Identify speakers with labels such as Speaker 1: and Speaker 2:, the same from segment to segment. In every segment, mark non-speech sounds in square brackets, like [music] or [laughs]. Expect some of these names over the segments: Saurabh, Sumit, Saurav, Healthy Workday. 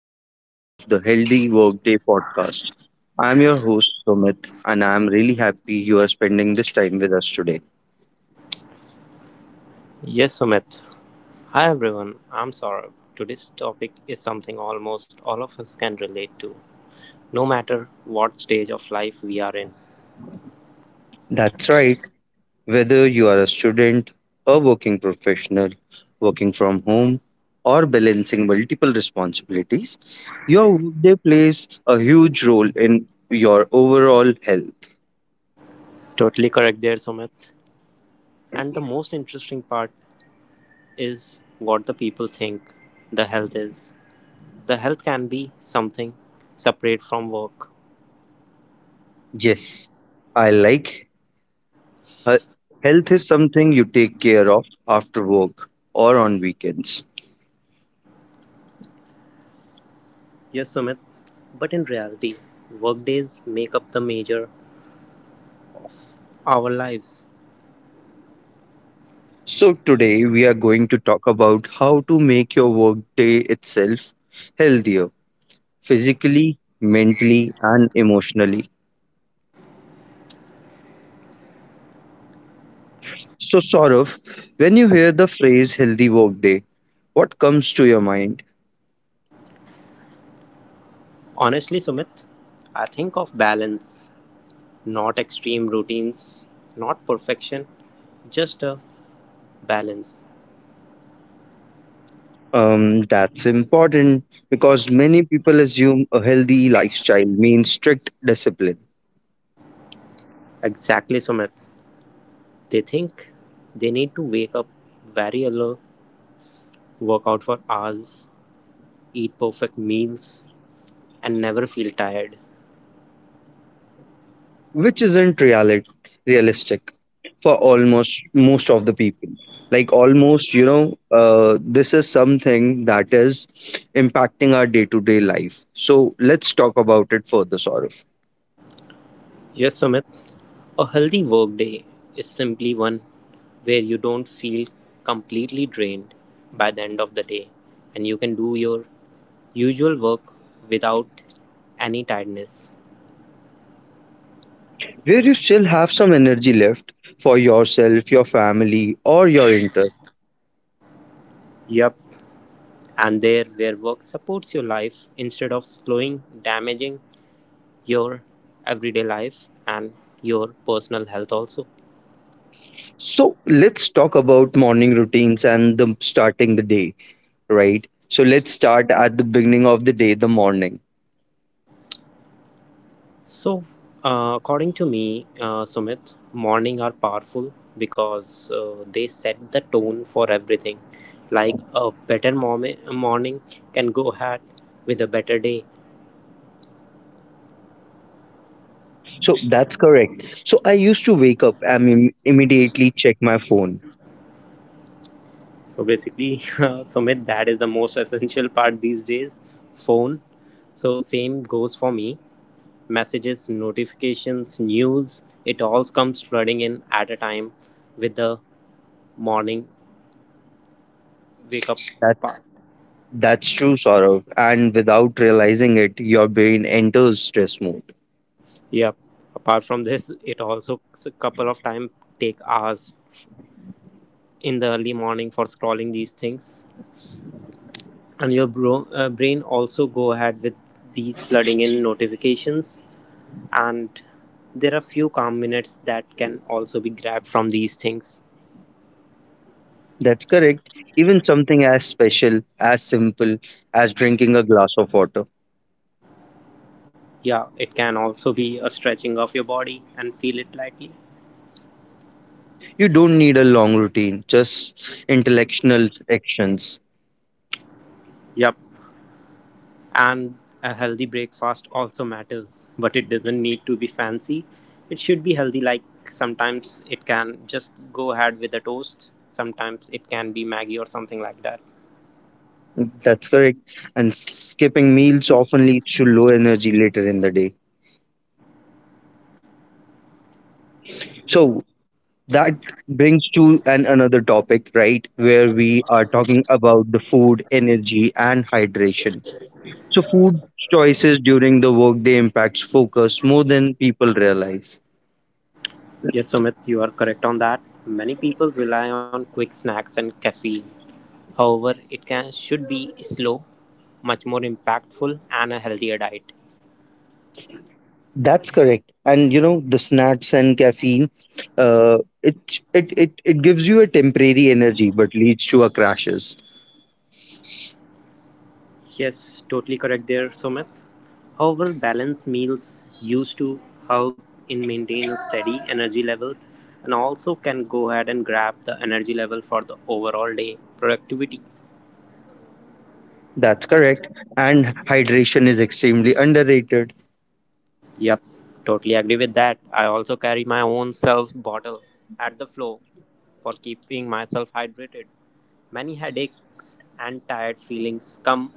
Speaker 1: episode of the Healthy Workday podcast. I'm your host, Sumit, and I'm really happy you are spending this time with us today.
Speaker 2: Yes, Sumit. Hi, everyone. I'm Saurabh. Today's topic is something almost all of us can relate to, no matter what stage of life we are in.
Speaker 1: That's right, whether you are a student, a working professional, working from home, or balancing multiple responsibilities, your workday plays a huge role in your overall health.
Speaker 2: Totally correct there, Sumit. And the most interesting part is what the people think the health is. The health can be something separate from work.
Speaker 1: Yes, I like He- health is something you take care of after work or on weekends.
Speaker 2: Yes, Sumit. But in reality, workdays make up the major our lives.
Speaker 1: So, today we are going to talk about how to make your workday itself healthier physically, mentally, and emotionally. So, Saurav, when you hear the phrase healthy workday, what comes to your mind?
Speaker 2: Honestly, Sumit, I think of balance. Not extreme routines, not perfection, just a balance.
Speaker 1: That's important because many people assume a healthy lifestyle means strict discipline,
Speaker 2: Exactly, Sumit. They think they need to wake up very early, work out for hours, eat perfect meals, and never feel tired.
Speaker 1: which isn't realistic for almost most of the people, like almost, this is something that is impacting our day-to-day life, so let's talk about it further, Saurav.
Speaker 2: Yes, Sumit. A healthy workday is simply one where you don't feel completely drained by the end of the day and you can do your usual work without any tiredness.
Speaker 1: Where you still have some energy left for yourself, your family, or your interest.
Speaker 2: Yep. And there where work supports your life instead of slowing, damaging your everyday life and your personal health also.
Speaker 1: So let's talk about morning routines and the starting the day right. So let's start at the beginning of the day, the morning.
Speaker 2: So, according to me, Sumit, morning are powerful because they set the tone for everything. Like a better morning can go ahead with a better day.
Speaker 1: So that's correct. So I used to wake up and immediately check my phone.
Speaker 2: So basically, [laughs] Sumit, that is the most essential part these days. Phone. So same goes for me, messages, notifications, news, it all comes flooding in at a time with the morning wake up.
Speaker 1: That
Speaker 2: Part.
Speaker 1: that's true, Saurav. And without realizing it, your brain enters stress mode.
Speaker 2: Yep. Apart from this, it also a couple of time take hours in the early morning for scrolling these things, and your brain also go ahead with these flooding in notifications. And there are few calm minutes that can also be grabbed from these things.
Speaker 1: That's correct. Even something as special, as simple as drinking a glass of water.
Speaker 2: Yeah, it can also be a stretching of your body and feel it lightly.
Speaker 1: You don't need a long routine, just intellectual actions.
Speaker 2: Yep. And a healthy breakfast also matters, but it doesn't need to be fancy. It should be healthy, like sometimes it can just go ahead with a toast, sometimes it can be maggie or something like that.
Speaker 1: That's correct. And skipping meals often leads to low energy later in the day. So that brings to an another topic, right, where we are talking about the food energy and hydration. So food choices during the workday impacts focus more than people realize.
Speaker 2: Yes, Sumit, you are correct on that. Many people rely on quick snacks and caffeine, however it can should be slow, much more impactful and a healthier diet.
Speaker 1: That's correct. And you know the snacks and caffeine, uh, it gives you a temporary energy but leads to a crashes.
Speaker 2: Yes, totally correct there, Sumit. However, balanced meals used to help in maintain a steady energy levels and also can go ahead and grab the energy level for the overall day productivity.
Speaker 1: That's correct. And hydration is extremely underrated.
Speaker 2: Yep, totally agree with that. I also carry my own self bottle at the floor for keeping myself hydrated. Many headaches and tired feelings come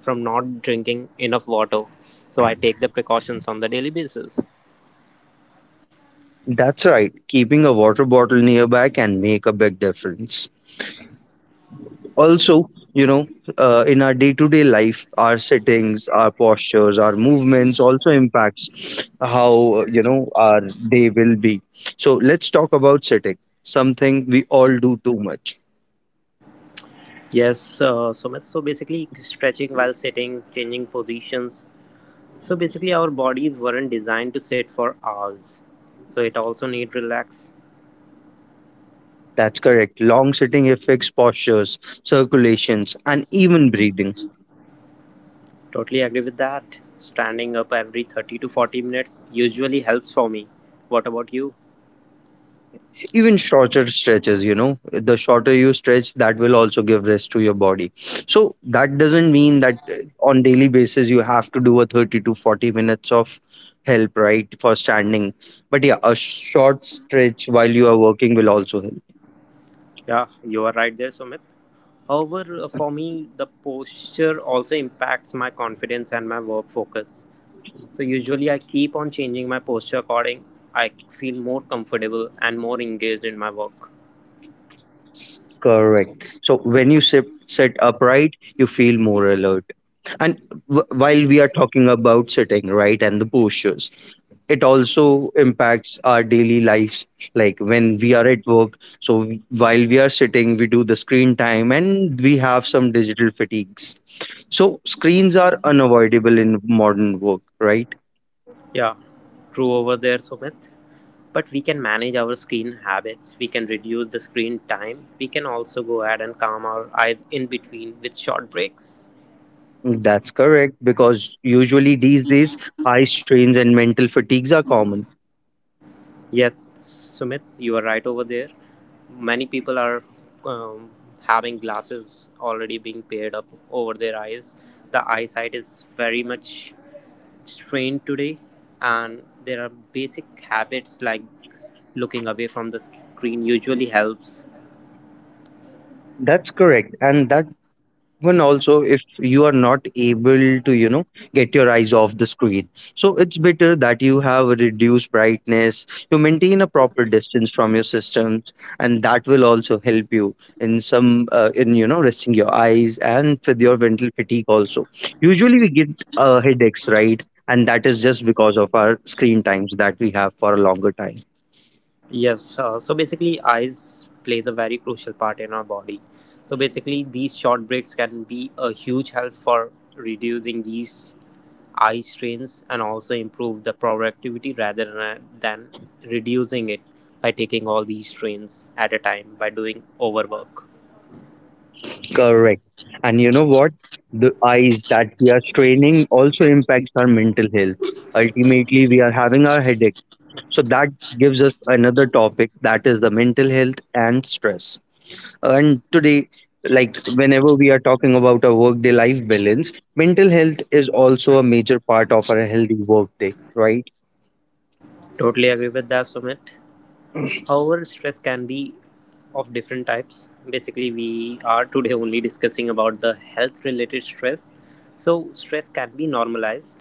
Speaker 2: from not drinking enough water, so I take the precautions on the daily basis.
Speaker 1: That's right, keeping a water bottle nearby can make a big difference. Also, you know, in our day-to-day life, our sittings, our postures, our movements also impacts how, you know, our day will be. So let's talk about sitting, something we all do too much.
Speaker 2: Yes, Sumit. So basically, stretching while sitting, changing positions. So basically, our bodies weren't designed to sit for hours. So it also need relax.
Speaker 1: That's correct, long sitting affects postures, circulations, and even breathing.
Speaker 2: Totally agree with that. Standing up every 30 to 40 minutes usually helps for me. What about you?
Speaker 1: Even shorter stretches, you know, the shorter you stretch, that will also give rest to your body. So that doesn't mean that on daily basis you have to do a 30 to 40 minutes of help, right, for standing, but yeah, a short stretch while you are working will also help.
Speaker 2: Yeah, you are right there, Sumit. However, for me, the posture also impacts my confidence and my work focus. So usually, I keep on changing my posture according I feel more comfortable and more engaged in my work.
Speaker 1: Correct. So when you sit upright, you feel more alert. And while we are talking about sitting, right, and the postures, it also impacts our daily lives. Like when we are at work, so while we are sitting, we do the screen time and we have some digital fatigues. So screens are unavoidable in modern work, right?
Speaker 2: Yeah. True over there, Sumit. But we can manage our screen habits, we can reduce the screen time, we can also go ahead and calm our eyes in between with short breaks.
Speaker 1: That's correct, because usually these days eye strains and mental fatigues are common.
Speaker 2: Yes, Sumit, you are right over there. Many people are um, having glasses already being paired up over their eyes. The eyesight is very much strained today, and there are basic habits like looking away from the screen usually helps.
Speaker 1: That's correct, and that even also if you are not able to, you know, get your eyes off the screen, so it's better that you have a reduced brightness, you maintain a proper distance from your systems, and that will also help you in some, in, you know, resting your eyes. And with your mental fatigue also, usually we get headaches, right, and that is just because of our screen times that we have for a longer time.
Speaker 2: Yes, so basically, eyes plays a very crucial part in our body. So basically, these short breaks can be a huge help for reducing these eye strains and also improve the productivity rather than reducing it by taking all these strains at a time by doing overwork.
Speaker 1: Correct. And you know what? The eyes that we are straining also impacts our mental health. Ultimately, we are having our headache. So that gives us another topic, that is the mental health and stress. And today, like, whenever we are talking about a workday life balance, mental health is also a major part of our healthy workday, right?
Speaker 2: Totally agree with that, Sumit. However, stress can be of different types. Basically, we are today only discussing about the health related stress. So, stress can be normalized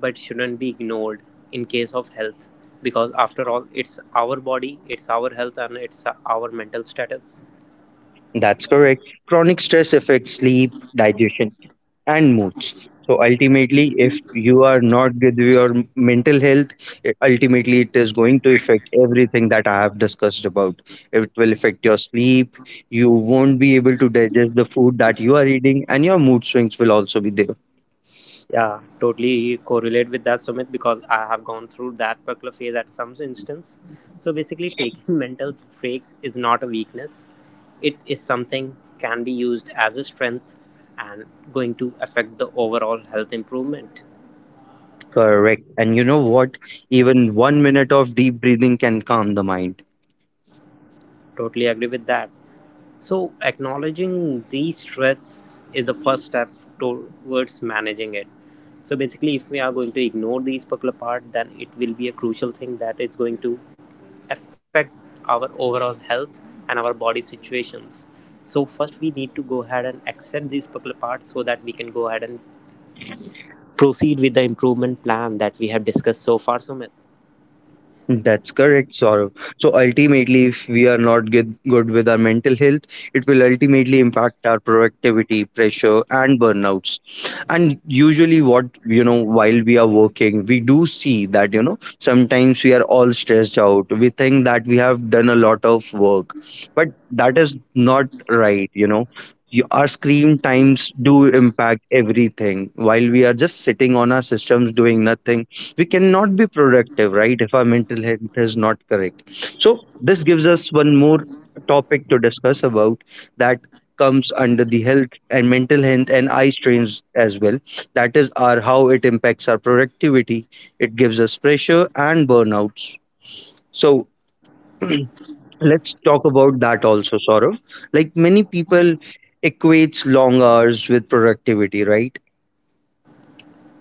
Speaker 2: but shouldn't be ignored in case of health, because after all it's our body, it's our health, and it's our mental status.
Speaker 1: That's correct. Chronic stress affects sleep, digestion, and moods. So ultimately, if you are not good with your mental health, it, ultimately it is going to affect everything that I have discussed about. It will affect your sleep. You won't be able to digest the food that you are eating, and your mood swings will also be there.
Speaker 2: Yeah, totally correlate with that, Sumit, because I have gone through that particular phase at some instance. So basically, taking [laughs] mental breaks is not a weakness. It is something can be used as a strength and going to affect the overall health improvement.
Speaker 1: Correct. And you know what? Even 1 minute of deep breathing can calm the mind.
Speaker 2: Totally agree with that. So, acknowledging the stress is the first step towards managing it. So, basically, if we are going to ignore these particular part, then it will be a crucial thing that is going to affect our overall health and our body situations. So, first, we need to go ahead and accept these particular parts so that we can go ahead and proceed with the improvement plan that we have discussed so far, Sumit.
Speaker 1: That's correct, Saurabh. So ultimately, if we are not get good with our mental health, it will ultimately impact our productivity, pressure, and burnouts. And usually, what, you know, while we are working, we do see that, you know, sometimes we are all stressed out. We think that we have done a lot of work, but that is not right. You know, our screen times do impact everything. While we are just sitting on our systems doing nothing, we cannot be productive, right, if our mental health is not correct. So this gives us one more topic to discuss about, that comes under the health and mental health and eye strains as well. That is our how it impacts our productivity, it gives us pressure and burnouts. So let's talk about that also, Saurav. Like many people equates long hours with productivity, right?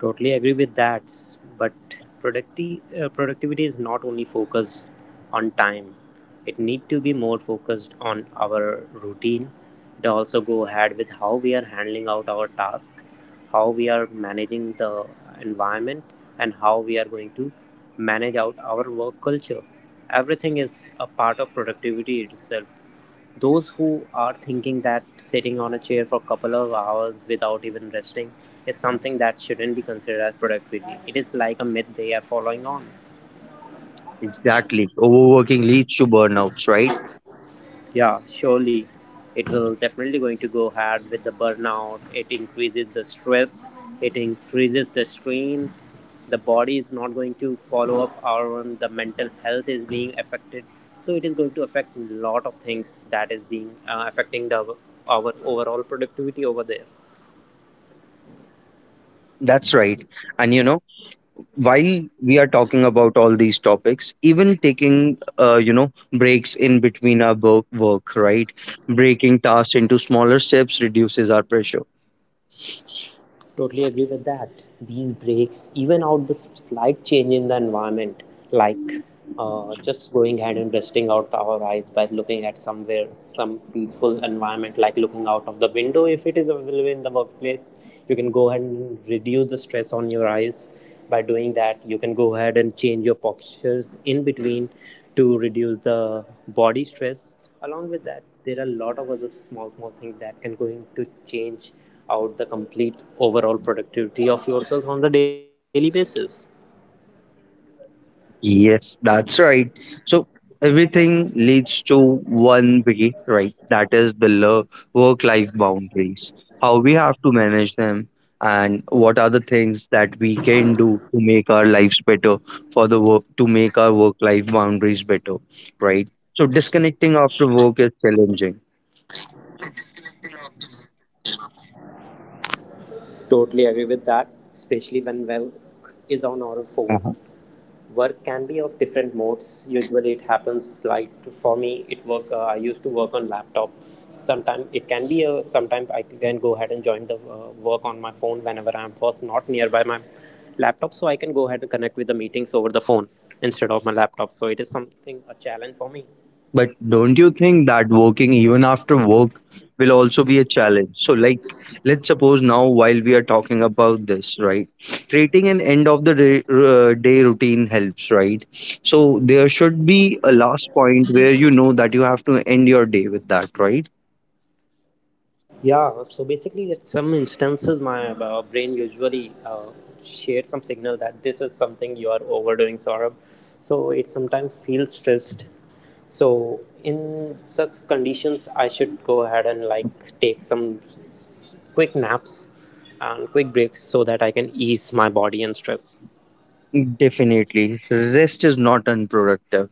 Speaker 2: Totally agree with that. But productivity is not only focused on time. It need to be more focused on our routine. It also go ahead with how we are handling out our task, how we are managing the environment, and how we are going to manage out our work culture. Everything is a part of productivity itself. Those who are thinking that sitting on a chair for a couple of hours without even resting is something that shouldn't be considered as productivity. It is like a myth they are following on.
Speaker 1: Exactly, overworking leads to burnouts, right?
Speaker 2: Yeah, surely it will definitely going to go hard with the burnout. It increases the stress, it increases the strain. The body is not going to follow up our own, the mental health is being affected. So it is going to affect a lot of things that is being affecting the our overall productivity over there.
Speaker 1: That's right. And you know, while we are talking about all these topics, even taking breaks in between our work, right? Breaking tasks into smaller steps reduces our pressure.
Speaker 2: Totally agree with that. These breaks even out the slight change in the environment, like just going ahead and resting out our eyes by looking at somewhere, some peaceful environment, like looking out of the window if it is available in the workplace. You can go ahead and reduce the stress on your eyes by doing that. You can go ahead and change your postures in between to reduce the body stress. Along with that, there are a lot of other small, small things that can go into change out the complete overall productivity of yourself on the daily basis.
Speaker 1: Yes, that's right. So everything leads to one way, right? That is the work-life boundaries, how we have to manage them, and what are the things that we can do to make our lives better for the work, to make our work-life boundaries better, right? So disconnecting after work is challenging.
Speaker 2: Totally agree with that, especially when work is on our phone. Work can be of different modes. Usually, it happens like for me, it work. I used to work on laptop. Sometimes it can be a. Sometimes I can go ahead and join the work on my phone whenever I am first not nearby my laptop, so I can go ahead and connect with the meetings over the phone instead of my laptop. So it is something a challenge for me.
Speaker 1: But don't you think that working even after work will also be a challenge? So, like, let's suppose now, while we are talking about this, right? Creating an end of the day, day routine helps, right? So, there should be a last point where you know that you have to end your day with that, right?
Speaker 2: Yeah, so basically, at some instances, my brain usually shares some signal that this is something you are overdoing, Saurabh. So it sometimes feels stressed. So in such conditions, I should go ahead and like take some quick naps and quick breaks so that I can ease my body and stress.
Speaker 1: Definitely. Rest is not unproductive.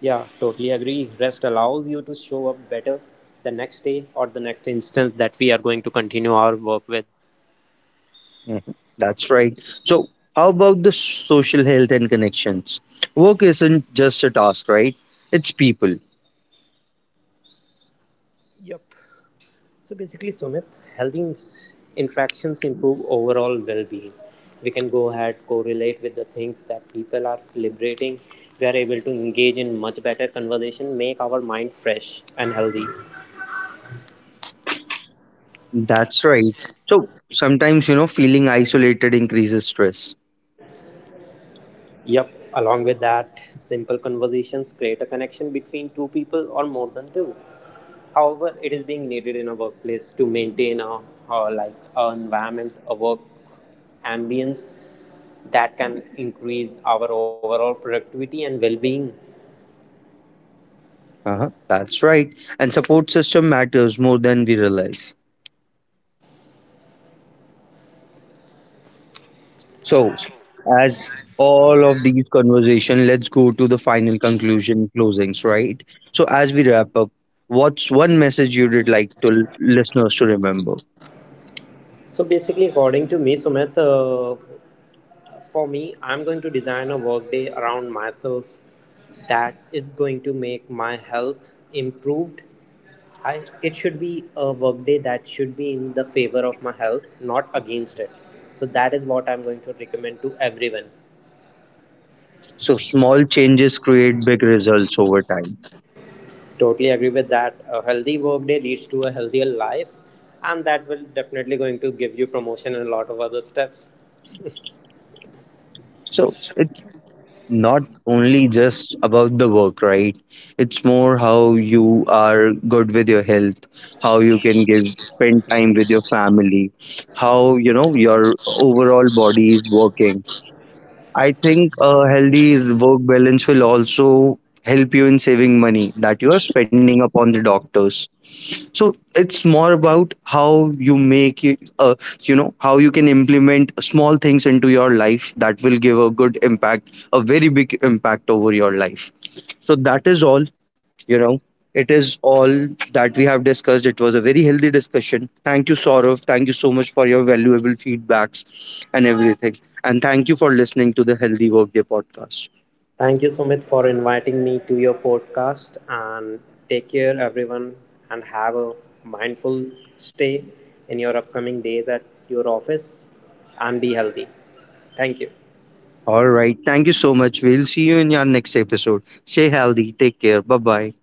Speaker 2: Yeah, totally agree. Rest allows you to show up better the next day or the next instance that we are going to continue our work with.
Speaker 1: Mhm. That's right. So, how about the social health and connections? Work isn't just a task, right? It's people.
Speaker 2: Yep. So basically, Sumit, healthy interactions improve overall well-being. We can go ahead correlate with the things that people are liberating. We are able to engage in much better conversation, make our mind fresh and healthy.
Speaker 1: That's right. So sometimes, you know, feeling isolated increases stress.
Speaker 2: Yep, along with that, simple conversations create a connection between two people or more than two. However, it is being needed in a workplace to maintain a, like a environment, a work ambience that can increase our overall productivity and well-being.
Speaker 1: Uh-huh. That's right. And support system matters more than we realize. So, as all of these conversation, let's go to the final conclusion closings, right? So, as we wrap up, what's one message you'd like to listeners to remember?
Speaker 2: So basically, according to me, Sumit, for me, I'm going to design a workday around myself that is going to make my health improved. I, it should be a workday that should be in the favor of my health, not against it. So that is what I'm going to recommend to everyone.
Speaker 1: So, small changes create big results over time.
Speaker 2: Totally agree with that. A healthy workday leads to a healthier life, and that will definitely going to give you promotion and a lot of other steps.
Speaker 1: So, it's not only just about the work, right? It's more how you are good with your health, how you can give spend time with your family, how, you know, your overall body is working. I think a healthy work balance will also help you in saving money that you are spending upon the doctors. So it's more about how you make it, you know, how you can implement small things into your life that will give a good impact, a very big impact over your life. So that is all, you know. It is all that we have discussed. It was a very healthy discussion. Thank you, Saurav. Thank you so much for your valuable feedbacks and everything. And thank you for listening to the Healthy Workday podcast.
Speaker 2: Thank you, Sumit, for inviting me to your podcast. And take care, everyone, and have a mindful stay in your upcoming days at your office and be healthy. Thank you.
Speaker 1: All right. Thank you so much. We'll see you in our next episode. Stay healthy. Take care. Bye bye.